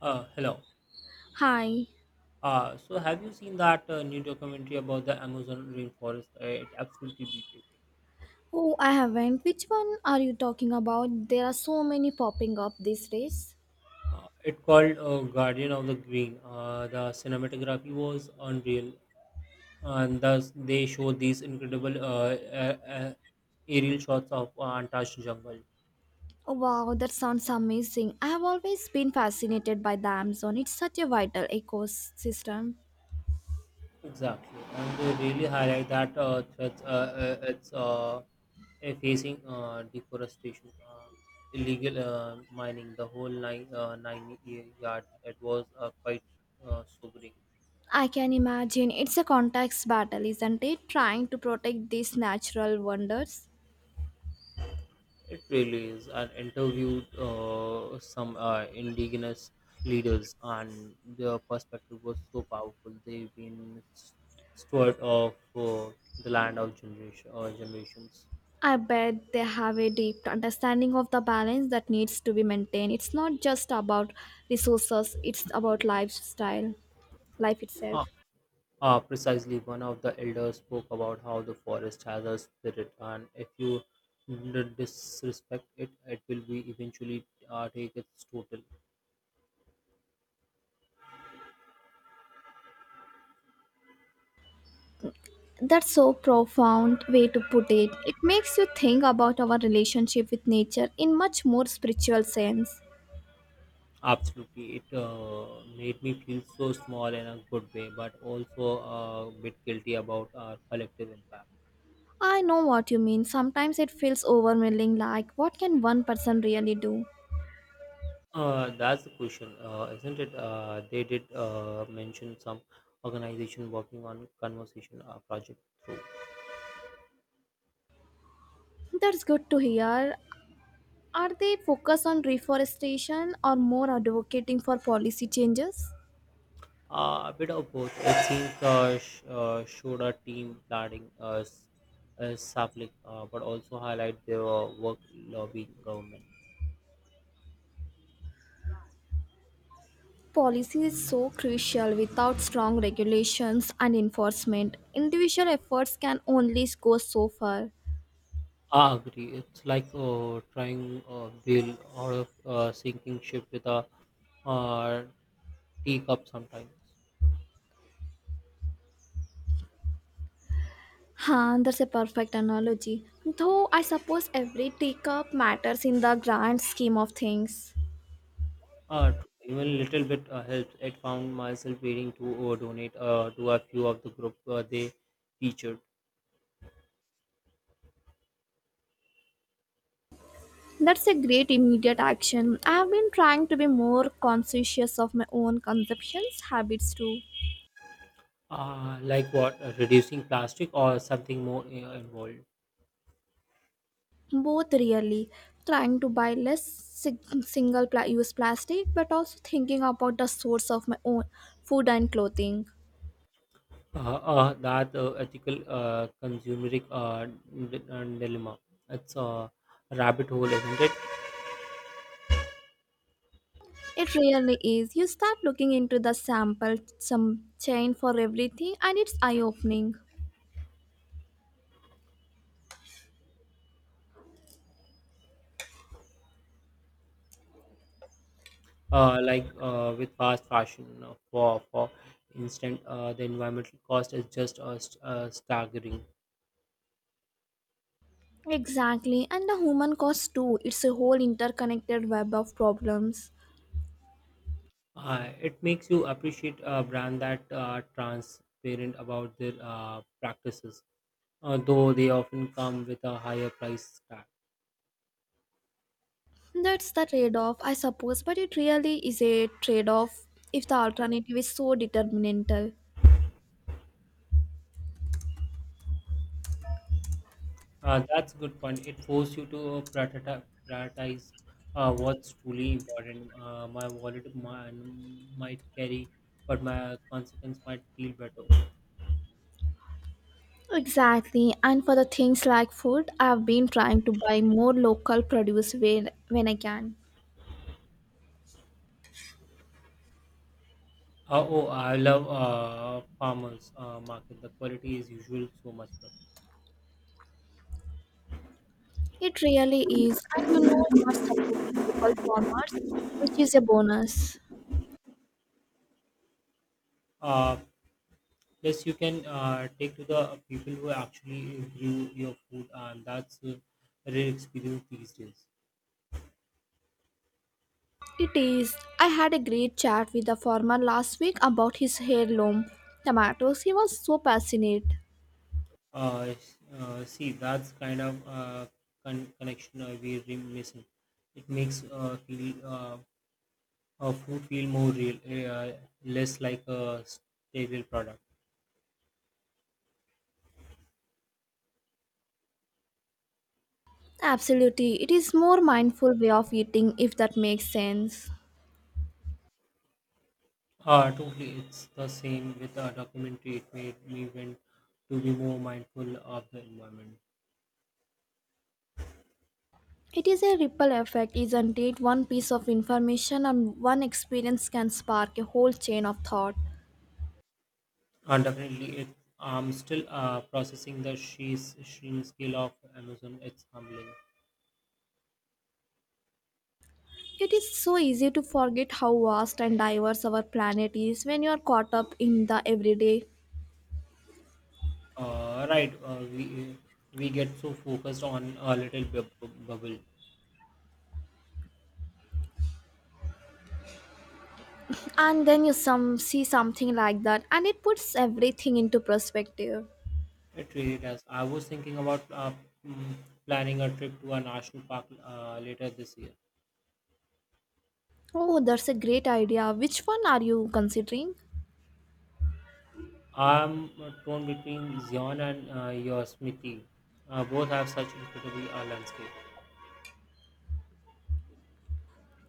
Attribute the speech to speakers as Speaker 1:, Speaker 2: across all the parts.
Speaker 1: Hello.
Speaker 2: Hi.
Speaker 1: So have you seen that new documentary about the Amazon rainforest? It absolutely breathtaking.
Speaker 2: Oh, I haven't. Which one are you talking about? There are so many popping up these days.
Speaker 1: It called Guardian of the Green. The cinematography was unreal, and thus they showed these incredible uh, uh, aerial shots of untouched jungle.
Speaker 2: Oh, wow, that sounds amazing. I have always been fascinated by the Amazon. It's such a vital ecosystem.
Speaker 1: Exactly, and they really highlight that threats. It's facing deforestation, illegal mining, the whole yards. It was quite sobering.
Speaker 2: I can imagine it's a context battle, isn't it? Trying to protect these natural wonders.
Speaker 1: It really is. And interviewed some indigenous leaders, and their perspective was so powerful. They've been steward of the land of generations.
Speaker 2: I bet they have a deep understanding of the balance that needs to be maintained. It's not just about resources, it's about lifestyle, life itself.
Speaker 1: Uh, Precisely. One of the elders spoke about how the forest has a spirit, and if you disrespect it, it will be eventually take its total.
Speaker 2: That's so profound way to put it. It makes you think about our relationship with nature in much more spiritual sense.
Speaker 1: Absolutely, it made me feel so small in a good way, but also a bit guilty about our collective impact.
Speaker 2: I know what you mean. Sometimes it feels overwhelming like what can one person really do?
Speaker 1: That's the question, isn't it? They did mention some organization working on conversation project through.
Speaker 2: That's good to hear. Are they focused on reforestation or more advocating for policy changes?
Speaker 1: A bit of both. I think showed our team planning sapling, but also highlight their work lobbying government.
Speaker 2: Policy is so crucial. Without strong regulations and enforcement, individual efforts can only go so far.
Speaker 1: I agree. It's like trying a bail out of sinking ship with a uh, teacup sometimes.
Speaker 2: Huh, that's a perfect analogy. Though I suppose every teacup matters in the grand scheme of things.
Speaker 1: Even little bit helps. I found myself waiting to donate to a few of the group they featured.
Speaker 2: That's a great immediate action. I have been trying to be more conscientious of my own consumptions habits too.
Speaker 1: Like what? Reducing plastic or something more involved?
Speaker 2: Both really trying to buy less use plastic, but also thinking about the source of my own food and clothing.
Speaker 1: That ethical consumeric dilemma. It's a rabbit hole, isn't it?
Speaker 2: It really is. You start looking into the sample some chain for everything, and it's eye opening.
Speaker 1: Like with fast fashion, for instant, the environmental cost is just staggering.
Speaker 2: Exactly, and the human cost too. It's a whole interconnected web of problems.
Speaker 1: It makes you appreciate a brand that are transparent about their practices, though they often come with a higher price tag.
Speaker 2: That's the trade off, I suppose, but it really is a trade off if the alternative is so determinantal.
Speaker 1: That's a good point. It forced you to prioritize what's truly important. My wallet might carry, but my consequence might feel better.
Speaker 2: Exactly, and for the things like food, I've been trying to buy more local produce when I can.
Speaker 1: Oh, I love farmers market. The quality is usual so much better.
Speaker 2: It really is, and you know, you're supporting local farmers, which is a bonus.
Speaker 1: Uh, Plus, you can take to the people who actually grew your food, and that's a rare experience these days.
Speaker 2: It is. I had a great chat with the farmer last week about his heirloom tomatoes. He was so passionate.
Speaker 1: Uh, See, that's kind of connection we're missing. It makes feel, food feel more real, less like a sterile product.
Speaker 2: Absolutely. It is more mindful way of eating if that makes sense.
Speaker 1: Totally, it's the same with a documentary. It made me want to be more mindful of the environment.
Speaker 2: It is a ripple effect, isn't it? One piece of information and one experience can spark a whole chain of thought.
Speaker 1: And definitely, it, I'm still processing the sheer, sheer scale of Amazon. It's humbling.
Speaker 2: It is so easy to forget how vast and diverse our planet is when you are caught up in the everyday.
Speaker 1: Right, we get so focused on a little bubble.
Speaker 2: And then you some see something like that and it puts everything into perspective.
Speaker 1: It really does. I was thinking about mm, planning a trip to a national park later this year.
Speaker 2: Oh, that's a great idea. Which one are you considering?
Speaker 1: I'm torn between Zion and Yosemite. Both have such incredible landscape.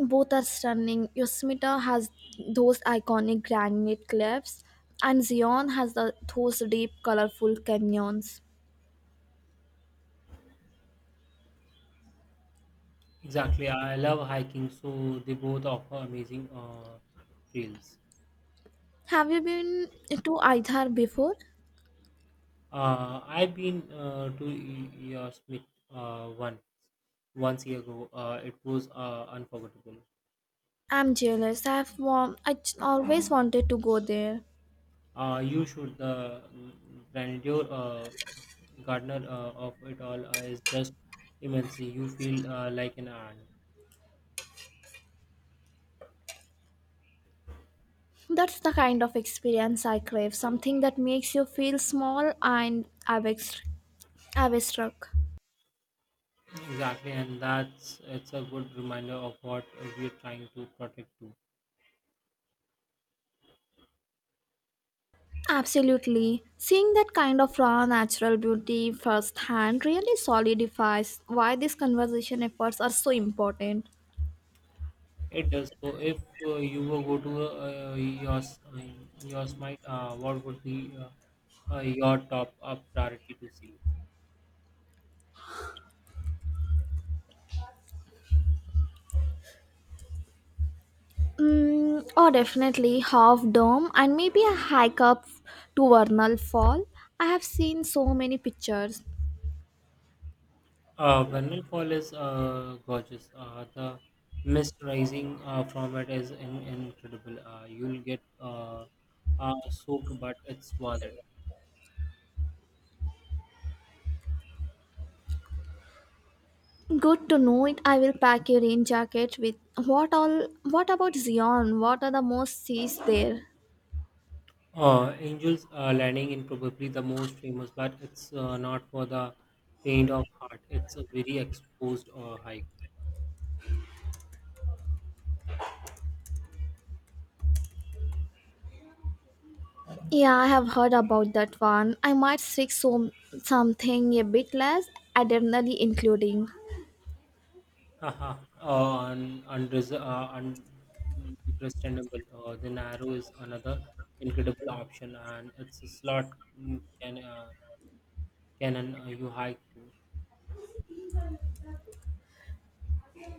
Speaker 2: Both are stunning. Yosemite has those iconic granite cliffs, and Zion has those deep, colorful canyons.
Speaker 1: Exactly. I love hiking, so they both offer amazing trails.
Speaker 2: Have you been to either before?
Speaker 1: I've been to Yosemite uh, once, once year ago. It was unforgettable.
Speaker 2: I'm jealous. Always wanted to go there.
Speaker 1: You should. The grandeur gardener of it all is just immense. You feel like an ant.
Speaker 2: That's the kind of experience I crave. Something that makes you feel small and awe struck.
Speaker 1: Exactly, and that's it's a good reminder of what we're trying to protect too.
Speaker 2: Absolutely. Seeing that kind of raw natural beauty firsthand really solidifies why these conservation efforts are so important.
Speaker 1: It does. So, if you were go to your s- I mean, your smite, what would be your top priority to see?
Speaker 2: Mm, oh, definitely half dome and maybe a hike up to Vernal Fall. I have seen so many pictures.
Speaker 1: Vernal Fall is gorgeous. The mist rising from it is incredible. You'll get soaked, but it's worth it.
Speaker 2: Good to know it. I will pack a rain jacket with what all. What about Zion? What are the most seas there?
Speaker 1: Angel's Landing in probably the most famous, but it's not for the faint of heart. It's a very exposed hike.
Speaker 2: Yeah, I have heard about that one. I might seek something a bit less adrenaline including.
Speaker 1: Haha, understandable. The Narrow is another incredible option, and it's a slot mm, can uh, cannon you hike through.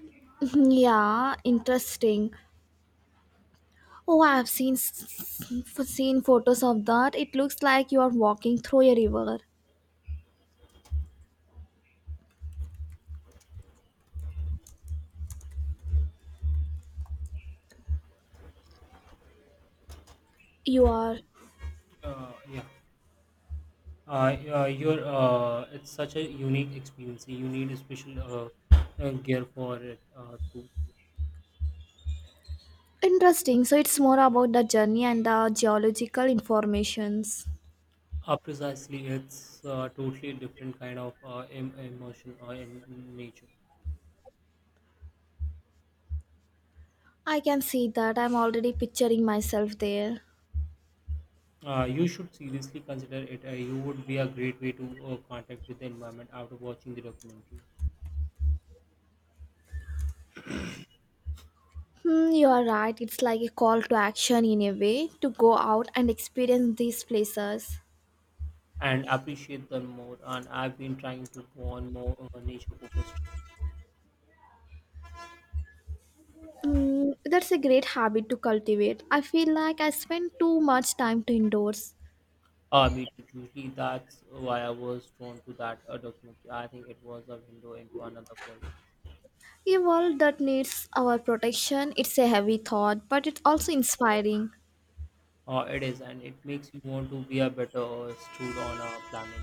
Speaker 2: Mhm, yeah, interesting. Oh, I have seen photos of that. It looks like you are walking through a river. You are
Speaker 1: Yeah, it's such a unique experience. You need a special gear for it.
Speaker 2: interesting. So it's more about the journey and the geological informations.
Speaker 1: Precisely, it's totally different kind of emotion in nature.
Speaker 2: I can see that. I'm already picturing myself there.
Speaker 1: You should seriously consider it. You would be a great way to contact with the environment after watching the documentary
Speaker 2: Hmm, you are right. It's like a call to action in a way to go out and experience these places.
Speaker 1: and appreciate them more. And I've been trying to go on more nature focused.
Speaker 2: Mm, that's a great habit to cultivate. I feel like I spend too much time to indoors.
Speaker 1: Me too, Julie. That's why I was drawn to that documentary. I think it was a window into another world.
Speaker 2: A world that needs our protection, it's a heavy thought, but it's also inspiring.
Speaker 1: It is, and it makes you want to be a better steward on a planet.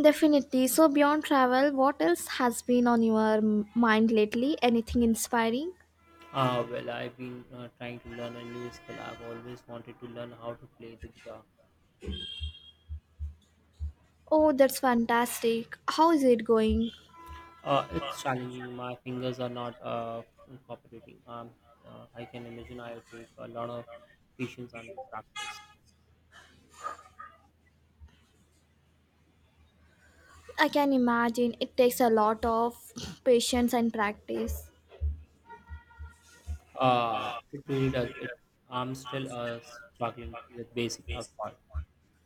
Speaker 2: Definitely. So, beyond travel, what else has been on your mind lately? Anything inspiring?
Speaker 1: Well, I've been trying to learn a new skill. I've always wanted to learn how to play the guitar.
Speaker 2: Oh, that's fantastic. How is it going?
Speaker 1: It's challenging. My fingers are not cooperating. I can imagine I'll take a lot of patience and practice.
Speaker 2: I can imagine it takes a lot of patience and practice.
Speaker 1: It really does. I'm still struggling with basic accords.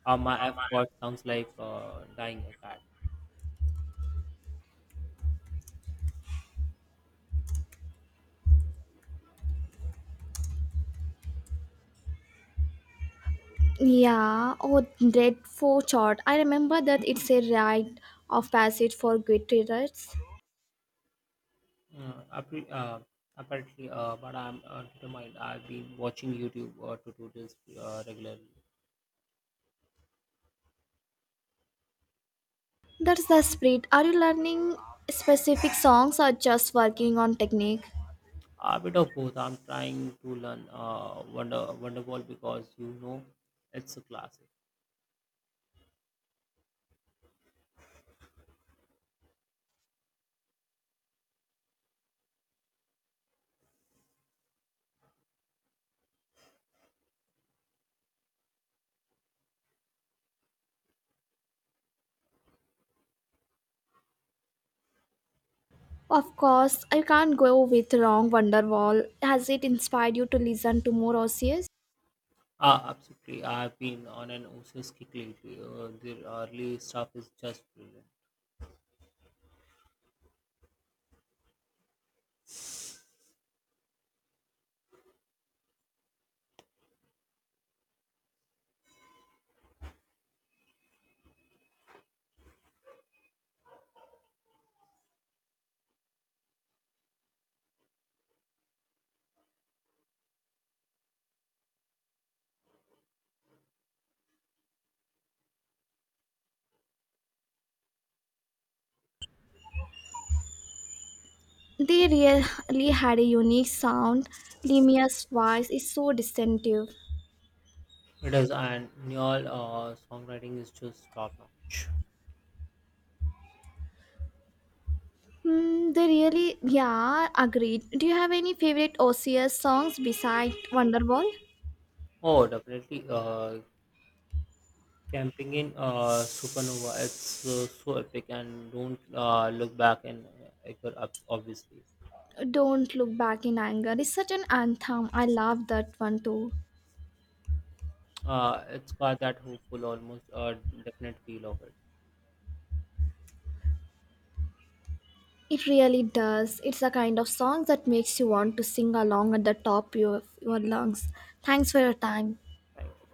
Speaker 1: My F word sounds like dying a cat.
Speaker 2: Yeah, oh, dreadful chart. I remember that it's a rite of passage for Goodreads.
Speaker 1: Uh, appar- uh, Apparently, but I'm determined. I've been watching YouTube tutorials regularly.
Speaker 2: That's the spirit. Are you learning specific songs or just working on technique?
Speaker 1: A bit of both. I'm trying to learn Wonderball because it's a classic.
Speaker 2: Of course, I can't go with wrong Wonderwall. Has it inspired you to listen to more Osiers?
Speaker 1: Ah, absolutely. I've been on an OCS kick lately. The early stuff is just brilliant.
Speaker 2: They really had a unique sound. Lemia's voice is so distinctive.
Speaker 1: It is, and Neil songwriting is just top notch.
Speaker 2: Hmm, they really, yeah, agreed. Do you have any favorite Osiers songs besides Wonderwall?
Speaker 1: Oh, definitely. Camping in Supernova, it's so epic and don't look back and ever ups, obviously.
Speaker 2: Don't Look Back in Anger is such an anthem. I love that one too.
Speaker 1: It's got that hopeful, almost definite feel of it.
Speaker 2: It really does. It's a kind of song that makes you want to sing along at the top of your lungs. Thanks for your time.
Speaker 1: Thank you.